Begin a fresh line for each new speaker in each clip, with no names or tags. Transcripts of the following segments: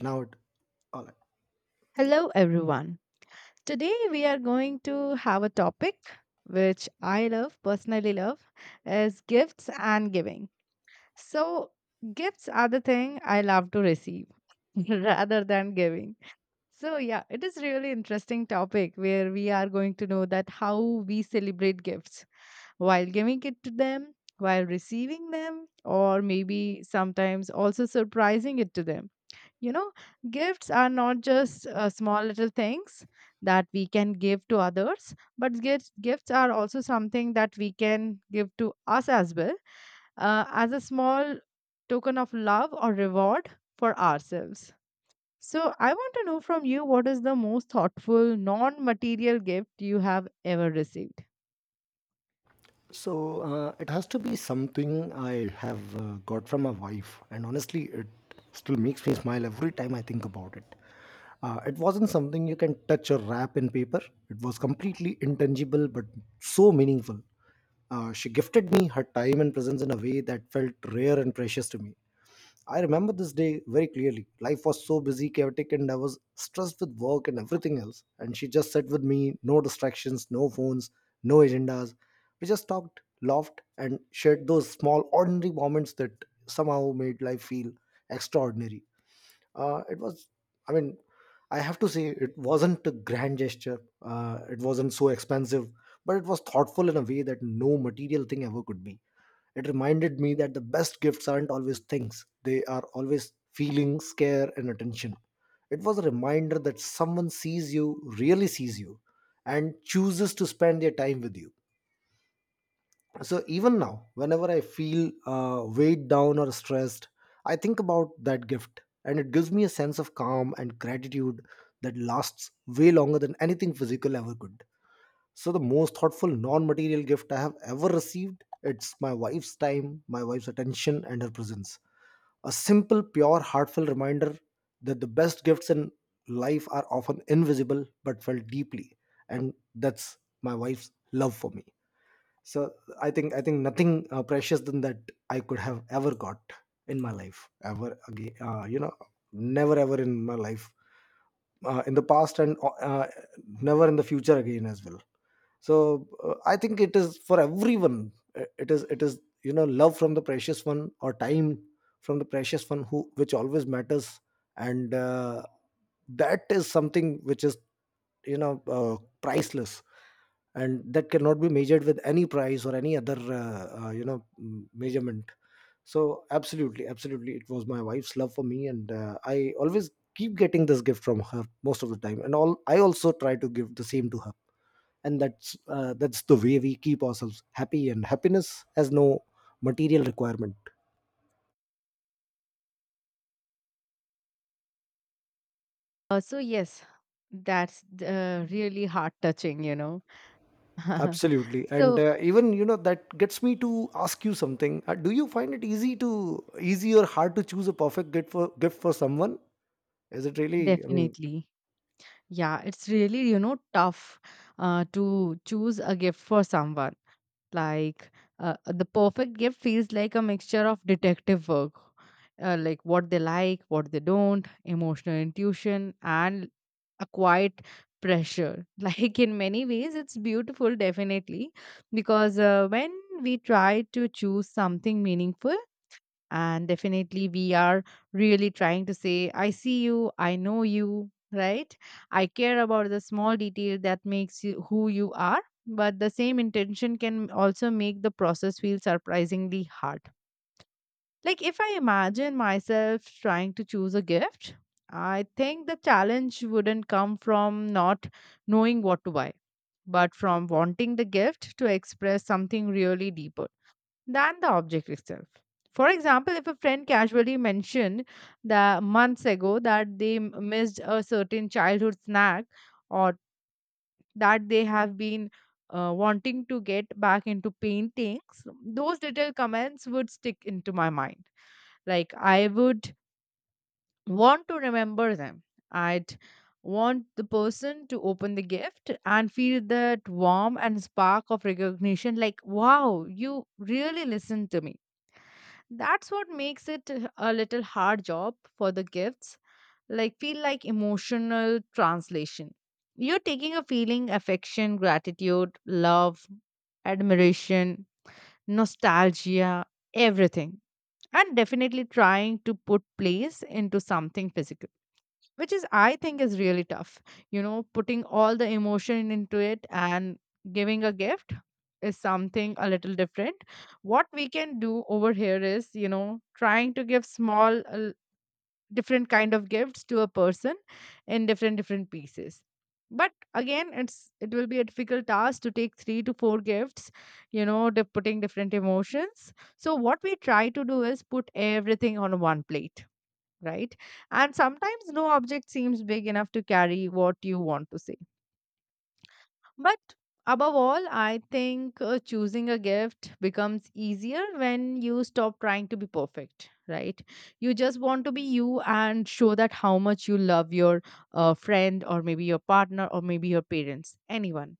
Now it, all right.
Hello, everyone. Today we are going to have a topic which I love, personally love, is gifts and giving. So, gifts are the thing I love to receive rather than giving. So, yeah, it is really interesting topic where we are going to know that how we celebrate gifts while giving it to them, while receiving them, or maybe sometimes also surprising it to them you know, gifts are not just small little things that we can give to others, but gifts are also something that we can give to us as well, as a small token of love or reward for ourselves. So, I want to know from you, what is the most thoughtful non material gift you have ever received?
so it has to be something I have got from my wife, and honestly it still makes me smile every time I think about it. It wasn't something you can touch or wrap in paper. It was completely intangible but so meaningful. She gifted me her time and presence in a way that felt rare and precious to me. I remember this day very clearly. Life was so busy, chaotic, and I was stressed with work and everything else. And she just sat with me, no distractions, no phones, no agendas. We just talked, laughed, and shared those small, ordinary moments that somehow made life feel extraordinary. It was, I mean, I have to say, it wasn't a grand gesture. It wasn't so expensive, but it was thoughtful in a way that no material thing ever could be. It reminded me that the best gifts aren't always things, they are always feelings, care, and attention. It was a reminder that someone sees you, really sees you, and chooses to spend their time with you. So even now, whenever I feel weighed down or stressed, I think about that gift, and it gives me a sense of calm and gratitude that lasts way longer than anything physical ever could. So the most thoughtful non-material gift I have ever received, it's my wife's time, my wife's attention, and her presence. A simple, pure, heartfelt reminder that the best gifts in life are often invisible but felt deeply. And that's my wife's love for me. So I think nothing precious than that I could have ever got in my life ever again. You know, never ever in my life, in the past, and never in the future again as well. So I think it is for everyone. It is, you know, love from the precious one, or time from the precious one, who which always matters. And that is something which is, you know uh, priceless, and that cannot be measured with any price or any other you know, measurement. So absolutely, it was my wife's love for me, and I always keep getting this gift from her most of the time, and all I also try to give the same to her. And that's the way we keep ourselves happy, and happiness has no material requirement.
So yes, that's really heart touching, you know.
Absolutely. and
So
uh, even, you know, that gets me to ask you something. Do you find it easy to, easy or hard, to choose a perfect gift for someone? Is it really, I mean…
definitely, yeah, it's really, you know, tough to choose a gift for someone. Like, the perfect gift feels like a mixture of detective work, like, what they don't, emotional intuition, and a quiet pressure. Like in many ways, it's beautiful, definitely, because when we try to choose something meaningful, and definitely we are really trying to say, I see you, I know you, right? I care about the small detail that makes you who you are, but the same intention can also make the process feel surprisingly hard. Like, if I imagine myself trying to choose a gift, I think the challenge wouldn't come from not knowing what to buy, but from wanting the gift to express something really deeper than the object itself. For example, if a friend casually mentioned that months ago that they missed a certain childhood snack, or that they have been wanting to get back into paintings, those little comments would stick into my mind. Like, I would want to remember them. I'd want the person to open the gift and feel that warm and spark of recognition, like, wow, you really listened to me. That's what makes it a little hard job for the gifts. Like, feel like emotional translation. You're taking a feeling, affection, gratitude, love, admiration, nostalgia, everything. And definitely trying to put place into something physical, which is, I think, is really tough, you know, putting all the emotion into it. And giving a gift is something a little different. What we can do over here is, you know, trying to give small, different kind of gifts to a person in different pieces, but again, it's, it will be a difficult task to take 3 to 4 gifts, you know, putting different emotions. So what we try to do is put everything on one plate, right? And sometimes no object seems big enough to carry what you want to say. But above all, I think choosing a gift becomes easier when you stop trying to be perfect, right? You just want to be you and show that how much you love your friend, or maybe your partner, or maybe your parents, anyone.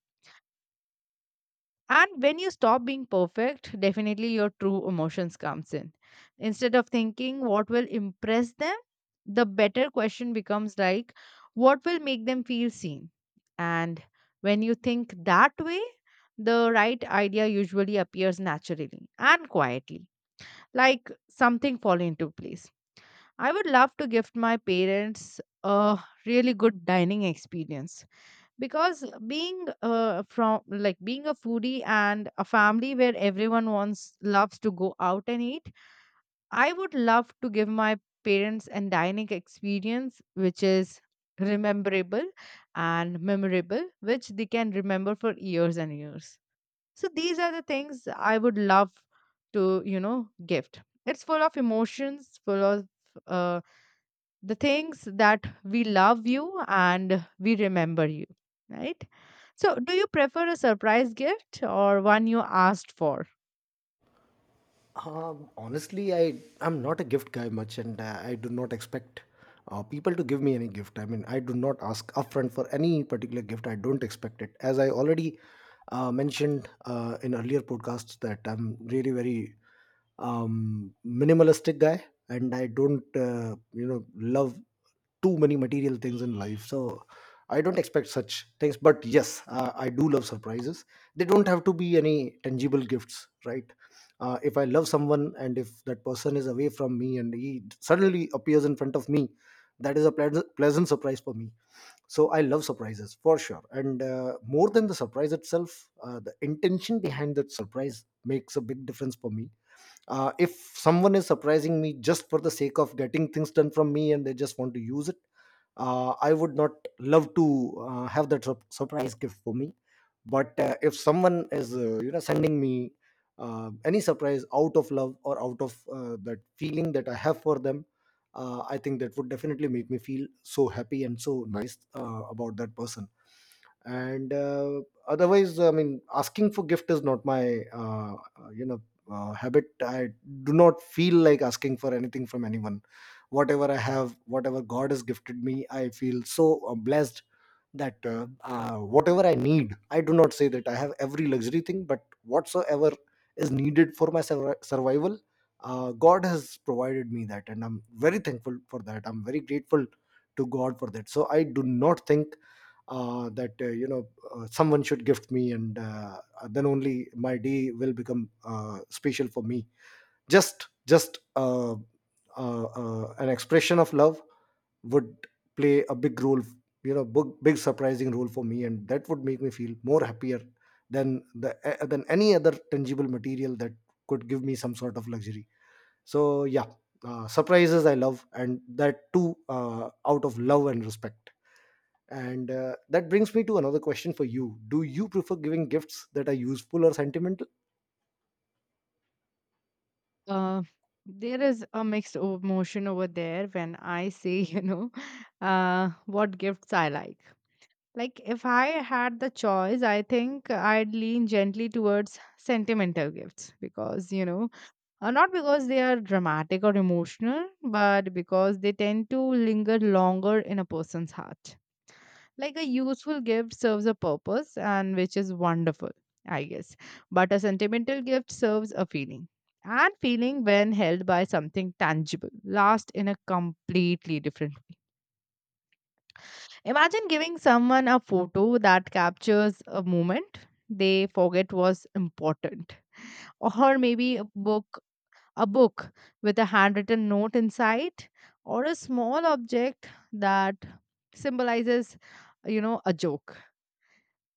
And when you stop being perfect, definitely your true emotions comes in. Instead of thinking what will impress them, the better question becomes like, what will make them feel seen? And when you think that way, the right idea usually appears naturally and quietly, like something falling into place. I would love to gift my parents a really good dining experience, because being from, like being a foodie and a family where everyone wants loves to go out and eat, I would love to give my parents an dining experience which is rememberable and memorable, which they can remember for years and years. So these are the things I would love to, you know, gift. It's full of emotions, full of uh, the things that we love you and we remember you, right? So, do you prefer a surprise gift or one you asked for?
Honestly, I'm not a gift guy much, and I do not expect people to give me any gift. I mean, I do not ask upfront for any particular gift. I don't expect it, as I already mentioned in earlier podcasts, that I'm really very minimalistic guy, and I don't, you know, love too many material things in life. So I don't expect such things. But yes, I do love surprises. They don't have to be any tangible gifts, right? If I love someone and if that person is away from me and he suddenly appears in front of me, that is a pleasant surprise for me. So I love surprises for sure, and more than the surprise itself, the intention behind that surprise makes a big difference for me. If someone is surprising me just for the sake of getting things done from me and they just want to use it, I would not love to have that surprise gift for me. But if someone is, you know, sending me any surprise out of love or out of that feeling that I have for them, I think that would definitely make me feel so happy and so nice about that person. And otherwise, I mean, asking for gift is not my, you know, habit. I do not feel like asking for anything from anyone. Whatever I have, whatever God has gifted me, I feel so blessed that whatever I need, I do not say that I have every luxury thing, but whatsoever is needed for my survival, God has provided me that, and I'm very thankful for that. I'm very grateful to God for that. So I do not think that, you know, someone should gift me, and then only my day will become special for me. Just an expression of love would play a big role, you know, big, big surprising role for me, and that would make me feel more happier than the eh, than any other tangible material that could give me some sort of luxury. So yeah, surprises I love, and that too out of love and respect. And that brings me to another question for you: do you prefer giving gifts that are useful or sentimental?
Uh, there is a mixed emotion over there when I say, you know, what gifts I like. Like, if I had the choice, I think I'd lean gently towards sentimental gifts because, you know, not because they are dramatic or emotional, but because they tend to linger longer in a person's heart. Like, a useful gift serves a purpose, and which is wonderful, I guess, but a sentimental gift serves a feeling, and feeling, when held by something tangible, lasts in a completely different way. Imagine giving someone a photo that captures a moment they forget was important, or maybe a book book with a handwritten note inside, or a small object that symbolizes, you know, a joke.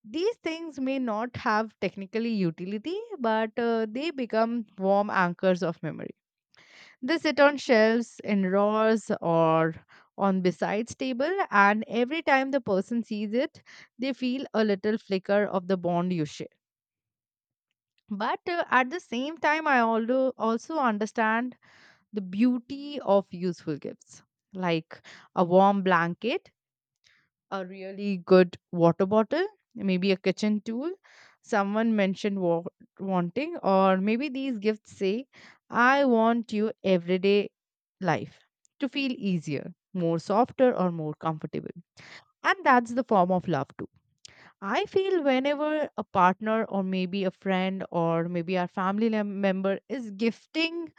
These things may not have technically utility, but they become warm anchors of memory. They sit on shelves, in drawers, or on besides table, and every time the person sees it, they feel a little flicker of the bond you share. But at the same time, I also understand the beauty of useful gifts, like a warm blanket, a really good water bottle, maybe a kitchen tool someone mentioned wanting, or maybe these gifts say, I want your everyday life to feel easier, more softer, or more comfortable. And that's the form of love too. I feel whenever a partner, or maybe a friend, or maybe our family member is gifting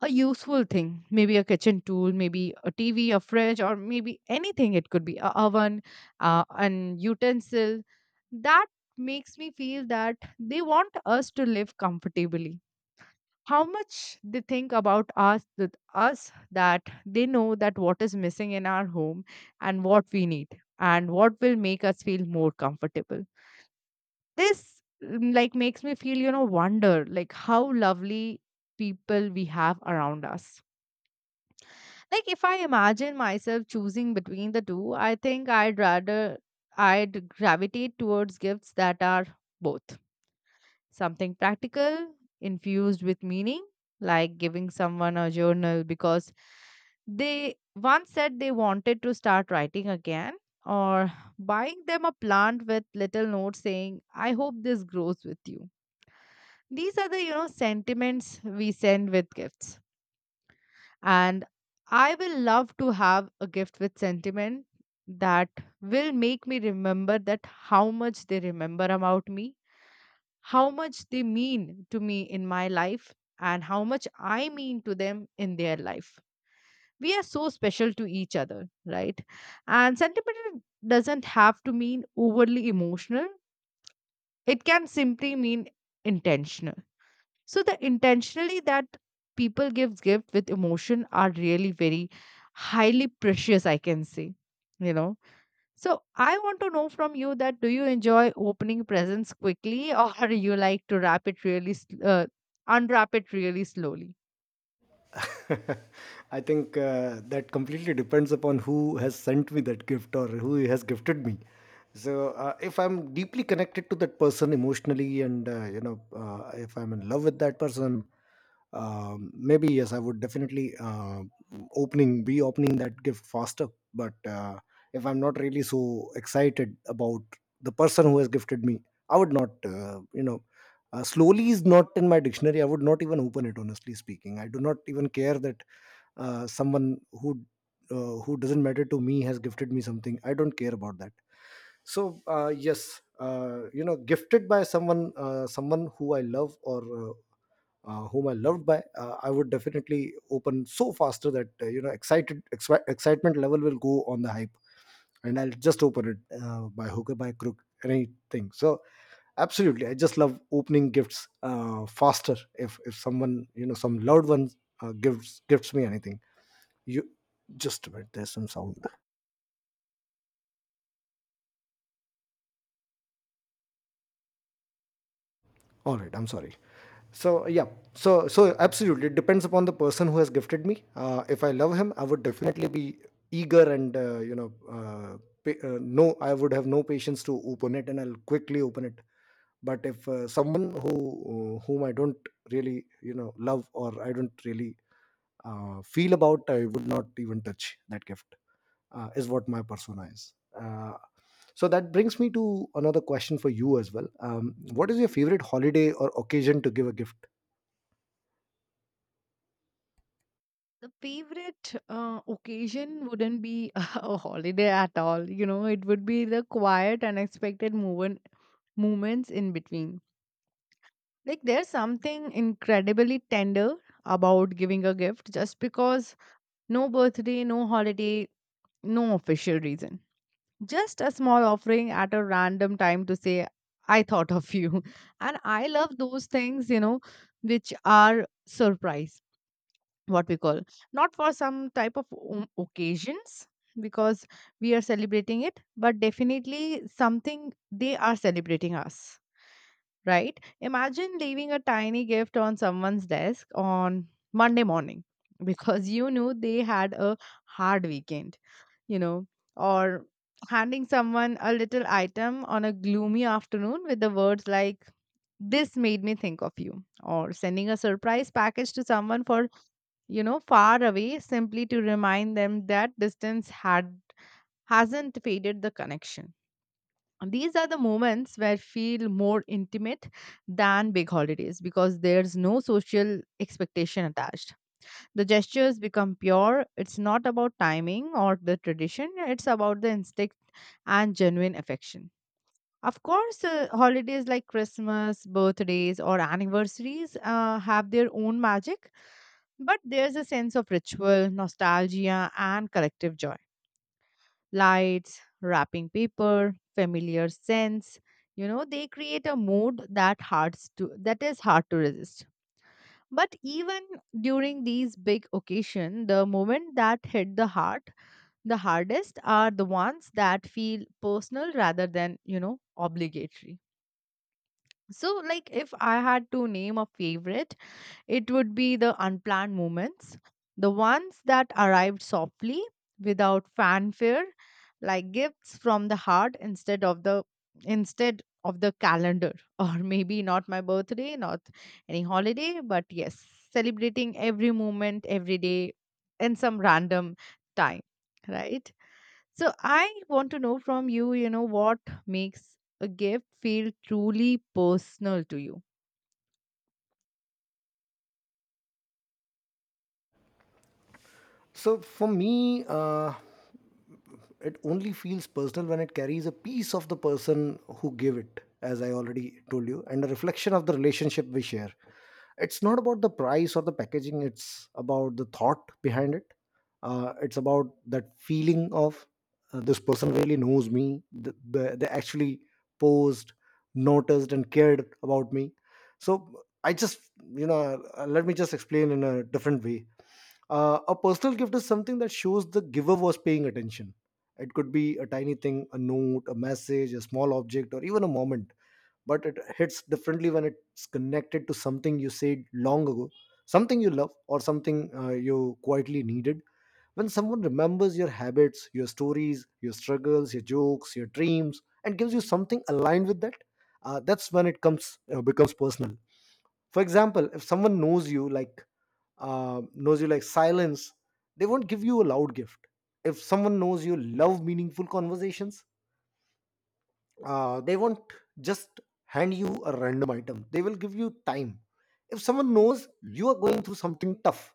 a useful thing, maybe a kitchen tool, maybe a TV, a fridge, or maybe anything. It could be a oven, an utensil. That makes me feel that they want us to live comfortably. How much they think about us, that they know that what is missing in our home and what we need and what will make us feel more comfortable. This, mm, like makes me feel, you know, wonder, like how lovely people we have around us. Like, if I imagine myself choosing between the two, I think I'd gravitate towards gifts that are both. Something practical infused with meaning, like giving someone a journal because they once said they wanted to start writing again, or buying them a plant with little notes saying, "I hope this grows with you." These are the, you know, sentiments we send with gifts. And I will love to have a gift with sentiment that will make me remember that how much they remember about me, how much they mean to me in my life, and how much I mean to them in their life. We are so special to each other, right? And sentiment doesn't have to mean overly emotional, it can simply mean intentional. So the intentionally that people give gift with emotion are really very highly precious, I can say, you know. So I want to know from you, that do you enjoy opening presents quickly or you like to wrap it really uh, unwrap it really slowly?
I think that completely depends upon who has sent me that gift or who has gifted me. So if I'm deeply connected to that person emotionally, and, you know, if I'm in love with that person, maybe yes, I would definitely, opening that gift faster. But if I'm not really so excited about the person who has gifted me, I would not, you know, slowly is not in my dictionary. I would not even open it, honestly speaking. I do not even care that someone who, who doesn't matter to me has gifted me something, I don't care about that. So yes, you know, gifted by someone, someone who I love, or whom I loved by, I would definitely open so faster that, you know, excitement level will go on the hype, and I'll just open it by hook or by crook, anything. So absolutely, I just love opening gifts faster. If someone, you know, some loved one gives gifts me anything, you… just a minute. There's some sound. All right, I'm sorry. So yeah, so absolutely it depends upon the person who has gifted me. If I love him, I would definitely be eager and, you know, no, I would have no patience to open it, and I'll quickly open it. But if someone who, whom I don't really, you know, love, or I don't really feel about, I would not even touch that gift. Is what my persona is. So that brings me to another question for you as well. What is your favorite holiday or occasion to give a gift?
The favorite occasion wouldn't be a holiday at all. You know, it would be the quiet, unexpected moments in between. Like, there's something incredibly tender about giving a gift just because, no birthday, no holiday, no official reason. Just a small offering at a random time to say, I thought of you. And I love those things, you know, which are surprise, what we call. Not for some type of occasions because we are celebrating it, but definitely something they are celebrating us, right? Imagine leaving a tiny gift on someone's desk on Monday morning because you knew they had a hard weekend, you know, or handing someone a little item on a gloomy afternoon with the words like, this made me think of you, or sending a surprise package to someone for, you know, far away, simply to remind them that distance had hasn't faded the connection. These are the moments where feel more intimate than big holidays, because there's no social expectation attached. The gestures become pure. It's not about timing or the tradition, it's about the instinct and genuine affection. Of course, holidays like Christmas, birthdays, or anniversaries have their own magic, but there's a sense of ritual, nostalgia, and collective joy, lights, wrapping paper, familiar scents. You know, they create a mood that hard's to that is hard to resist. But even during these big occasions, the moment that hit the heart, the hardest are the ones that feel personal rather than, you know, obligatory. So, like, if I had to name a favorite, it would be the unplanned moments, the ones that arrived softly without fanfare, like gifts from the heart instead of the calendar Or maybe not my birthday, not any holiday, but yes, celebrating every moment, every day, in some random time, right? So I want to know from you, you know, what makes a gift feel truly personal to you?
So for me, it only feels personal when it carries a piece of the person who gave it, as I already told you, and a reflection of the relationship we share. It's not about the price or the packaging, it's about the thought behind it. It's about that feeling of, this person really knows me, they actually posed, noticed, and cared about me. So I just, you know, let me just explain in a different way. A personal gift is something that shows the giver was paying attention. It could be a tiny thing, a note, a message, a small object, or even a moment. But it hits differently when it's connected to something you said long ago, something you love, or something you quietly needed. When someone remembers your habits, your stories, your struggles, your jokes, your dreams, and gives you something aligned with that, that's when it comes becomes personal. For example, if someone knows you like silence, they won't give you a loud gift. If someone knows you love meaningful conversations, they won't just hand you a random item. They will give you time. If someone knows you are going through something tough,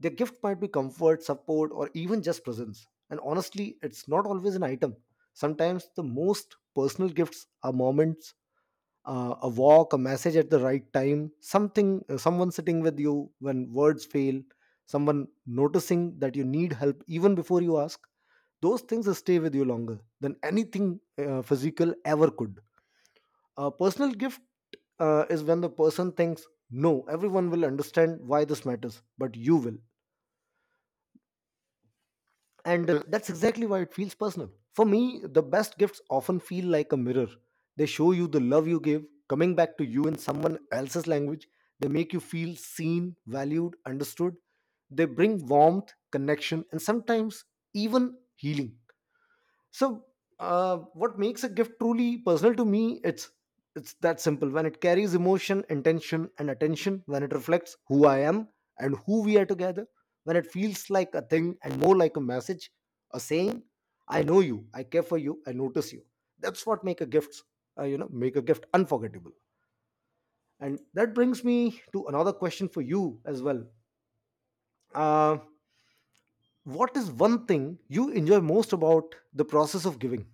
their gift might be comfort, support, or even just presence. And honestly, it's not always an item. Sometimes the most personal gifts are moments, a walk, a message at the right time, something, someone sitting with you when words fail, someone noticing that you need help even before you ask. Those things will stay with you longer than anything physical ever could. A personal gift is when the person thinks, no, everyone will understand why this matters, but you will. And that's exactly why it feels personal for me. The best gifts often feel like a mirror. They show you the love you give coming back to you in someone else's language. They make you feel seen, valued, understood. They bring warmth, connection, and sometimes even healing. So, what makes a gift truly personal to me? It's that simple. When it carries emotion, intention, and attention, when it reflects who I am and who we are together, when it feels like a thing and more like a message, a saying, I know you, I care for you, I notice you. That's what make a gift, make a gift unforgettable. And that brings me to another question for you as well. uh, what is one thing you enjoy most about the process of giving?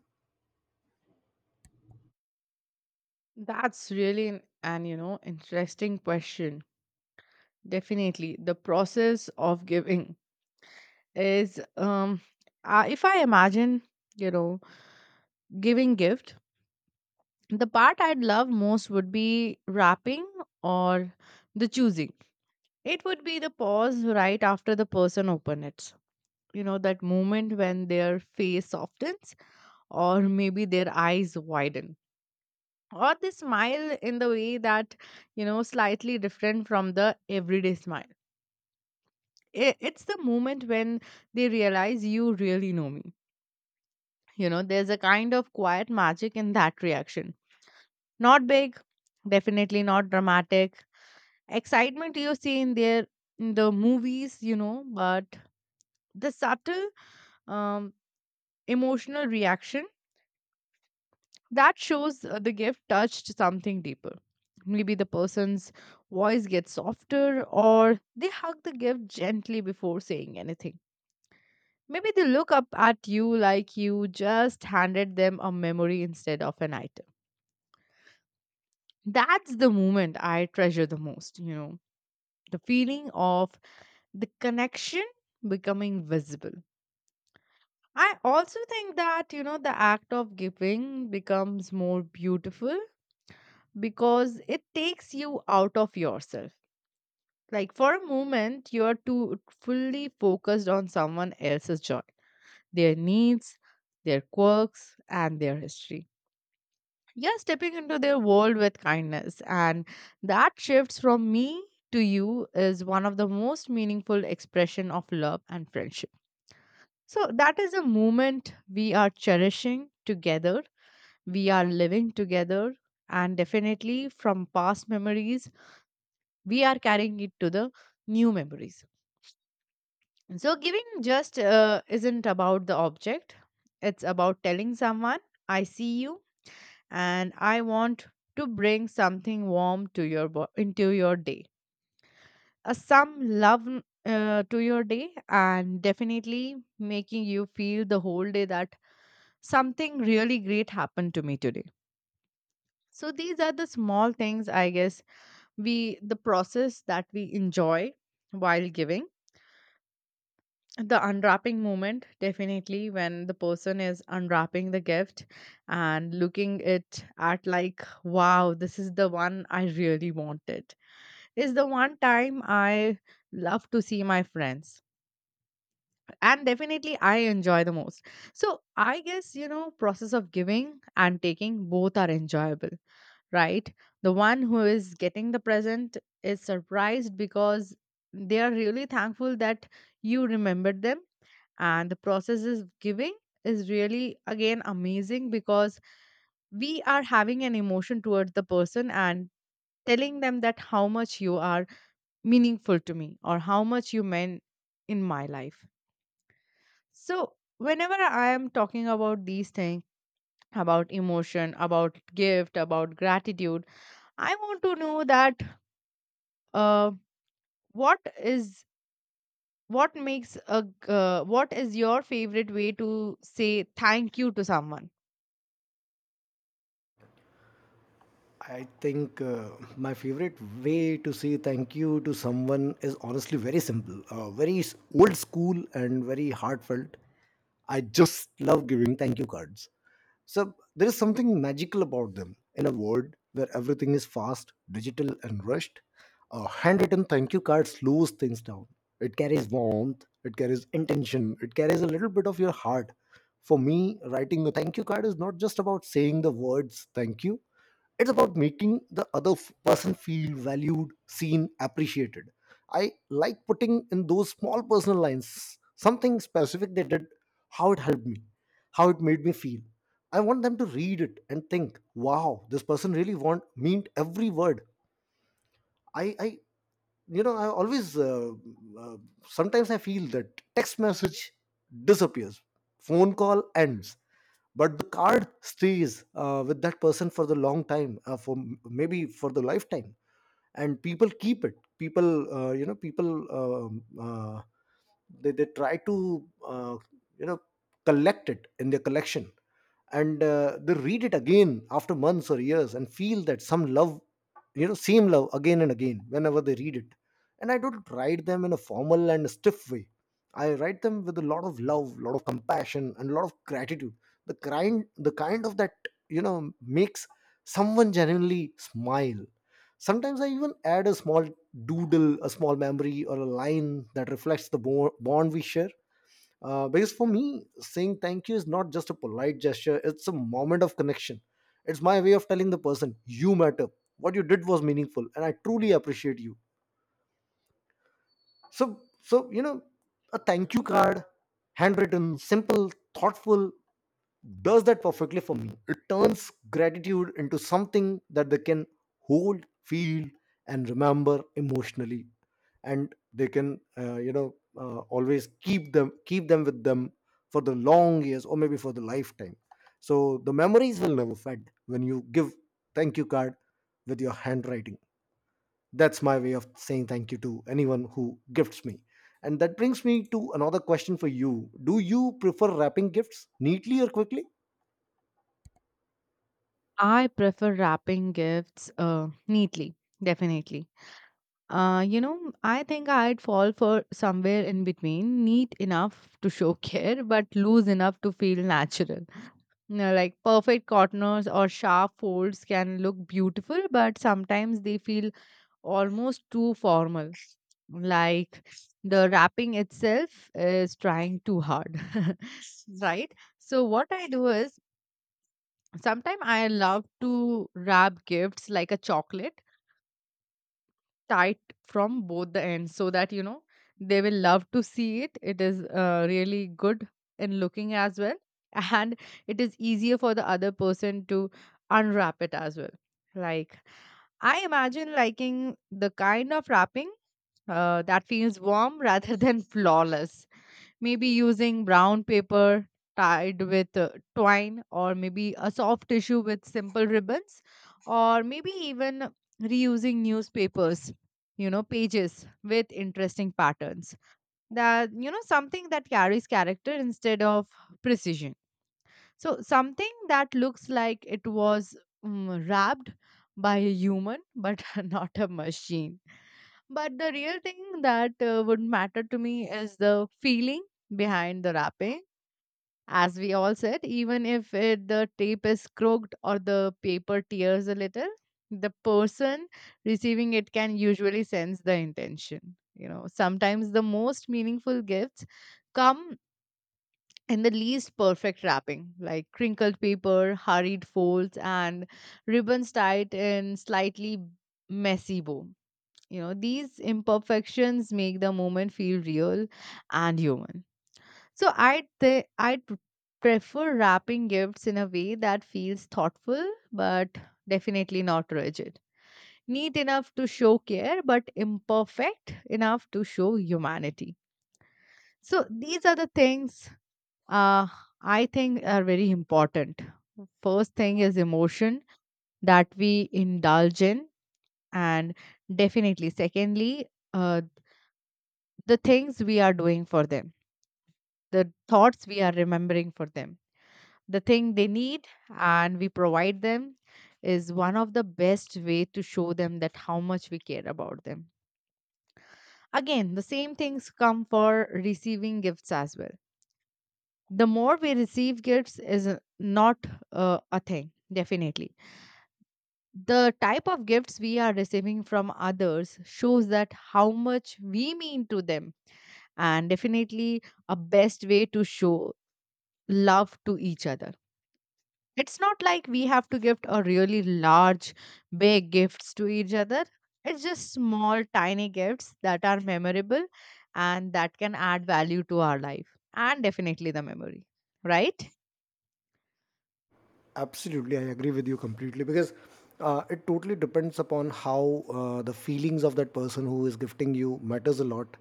That's really an, you know, interesting question. Definitely, the process of giving is if I imagine you know giving gift, the part I'd love most would be wrapping or the choosing. It would be the pause right after the person open it. You know that moment when their face softens or maybe their eyes widen or they smile in the way that slightly different from the everyday smile. It's the moment when they realize you really know me. You know, there's a kind of quiet magic in that reaction, not big, definitely not dramatic excitement you see in their in the movies, you know, but the subtle, um, emotional reaction that shows the gift touched something deeper. Maybe the person's voice gets softer, or they hug the gift gently before saying anything. Maybe they look up at you like you just handed them a memory instead of an item. That's the moment I treasure the most, you know, the feeling of the connection becoming visible. I also think that, you know, the act of giving becomes more beautiful because it takes you out of yourself. Like for a moment, you're too fully focused on someone else's joy, their needs, their quirks, and their history. You're stepping into their world with kindness, and that shifts from me to you is one of the most meaningful expression of love and friendship. So that is a moment we are cherishing together. We are living together, and definitely from past memories, we are carrying it to the new memories. So, giving just isn't about the object, it's about telling someone, I see you and I want to bring something warm to your into your day. Some love to your day, and definitely making you feel the whole day that something really great happened to me today. So these are the small things, I guess, we the process that we enjoy while giving. The unwrapping moment, definitely, when the person is unwrapping the gift and looking it at like, wow, this is the one I really wanted, is the one time I love to see my friends, and definitely I enjoy the most. So I guess, you know, process of giving and taking, both are enjoyable, right? The one who is getting the present is surprised because they are really thankful that you remembered them. And the process is giving is really again amazing because we are having an emotion towards the person and telling them that how much you are meaningful to me or how much you meant in my life. So whenever I am talking about these things, about emotion, about gift, about gratitude, I want to know that, uh, what is, what makes a g- what is your favorite way to say thank you to someone?
I think my favorite way to say thank you to someone is honestly very simple, very old school, and very heartfelt. I just love giving thank you cards. So there is something magical about them. In a world where everything is fast, digital, and rushed, a handwritten thank you card slows things down. It carries warmth, it carries intention, it carries a little bit of your heart. For me, writing a thank you card is not just about saying the words thank you. It's about making the other person feel valued, seen, appreciated. I like putting in those small personal lines, something specific they did, how it helped me, how it made me feel. I want them to read it and think, wow, this person really want, meant every word. I I always, uh, sometimes I feel that text message disappears, phone call ends, but the card stays with that person for the long time, for maybe for the lifetime, and people keep it. People, people, they try to, you know collect it in their collection, and they read it again after months or years and feel that some love, you know, same love again and again whenever they read it. And I don't write them in a formal and stiff way. I write them with a lot of love, lot of compassion, and a lot of gratitude. The kind of that, you know, makes someone genuinely smile. Sometimes I even add a small doodle, a small memory, or a line that reflects the bond we share, because for me saying thank you is not just a polite gesture, it's a moment of connection. It's my way of telling the person, you matter, what you did was meaningful, and I truly appreciate you. You know, a thank you card, handwritten, simple, thoughtful, does that perfectly for me. It turns gratitude into something that they can hold, feel, and remember emotionally, and they can, always keep them with them for the long years or maybe for the lifetime. So the memories will never fade when you give thank you card with your handwriting. That's my way of saying thank you to anyone who gifts me. And that brings me to another question for you. Do you prefer wrapping gifts neatly or quickly?
I prefer wrapping gifts neatly, definitely. You know, I think I'd fall for somewhere in between, neat enough to show care, but loose enough to feel natural. You know, like perfect corners or sharp folds can look beautiful, but sometimes they feel almost too formal. Like the wrapping itself is trying too hard, right? So, what I do is, sometimes I love to wrap gifts like a chocolate, tight from both the ends, so that you know they will love to see it. It is really good in looking as well, and it is easier for the other person to unwrap it as well. Like, I imagine liking the kind of wrapping that feels warm rather than flawless. Maybe using brown paper tied with twine, or maybe a soft tissue with simple ribbons, or maybe even reusing newspapers, you know, pages with interesting patterns. That, you know, something that carries character instead of precision. So something that looks like it was wrapped by a human, but not a machine. But the real thing that would matter to me is the feeling behind the wrapping. As we all said, even if it, the tape is crooked or the paper tears a little, the person receiving it can usually sense the intention. You know, sometimes the most meaningful gifts come in the least perfect wrapping, like crinkled paper, hurried folds, and ribbons tied in slightly messy bow. You know, these imperfections make the moment feel real and human. So I'd th- I'd pr- prefer wrapping gifts in a way that feels thoughtful, but definitely not rigid. Neat enough to show care, but imperfect enough to show humanity. So these are the things, uh, I think, are very important. First thing is emotion that we indulge in, and definitely, secondly, uh, the things we are doing for them, the thoughts we are remembering for them, the thing they need, and we provide them is one of the best way to show them that how much we care about them. Again, the same things come for receiving gifts as well. The more we receive gifts is not a thing, definitely the type of gifts we are receiving from others shows that how much we mean to them, and definitely a best way to show love to each other. It's not like we have to gift a really large big gifts to each other. It's just small tiny gifts that are memorable and that can add value to our life and definitely the memory, right?
Absolutely, I agree with you completely because it totally depends upon how the feelings of that person who is gifting you matters a lot.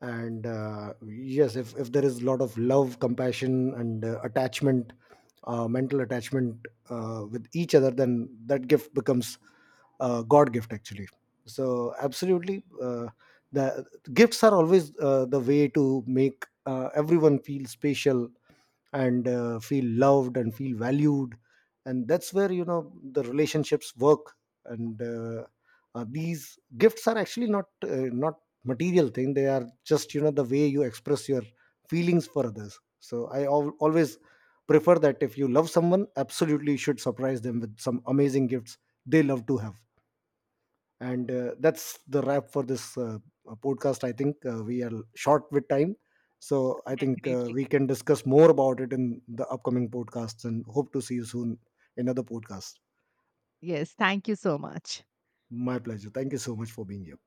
And yes, if there is a lot of love, compassion, and attachment, mental attachment with each other, then that gift becomes God gift, actually. So absolutely, the gifts are always the way to make everyone feel special and feel loved and feel valued, and that's where, you know, the relationships work. And these gifts are actually not, not material thing, they are just, you know, the way you express your feelings for others. So I always prefer that if you love someone, absolutely you should surprise them with some amazing gifts they love to have. And that's the wrap for this, podcast. I think we are short with time, so I think
Definitely,
we can discuss more about it in the upcoming podcasts, and hope to see you soon in other podcasts.
yes, thank you so much.
My pleasure. Thank you so much for being here.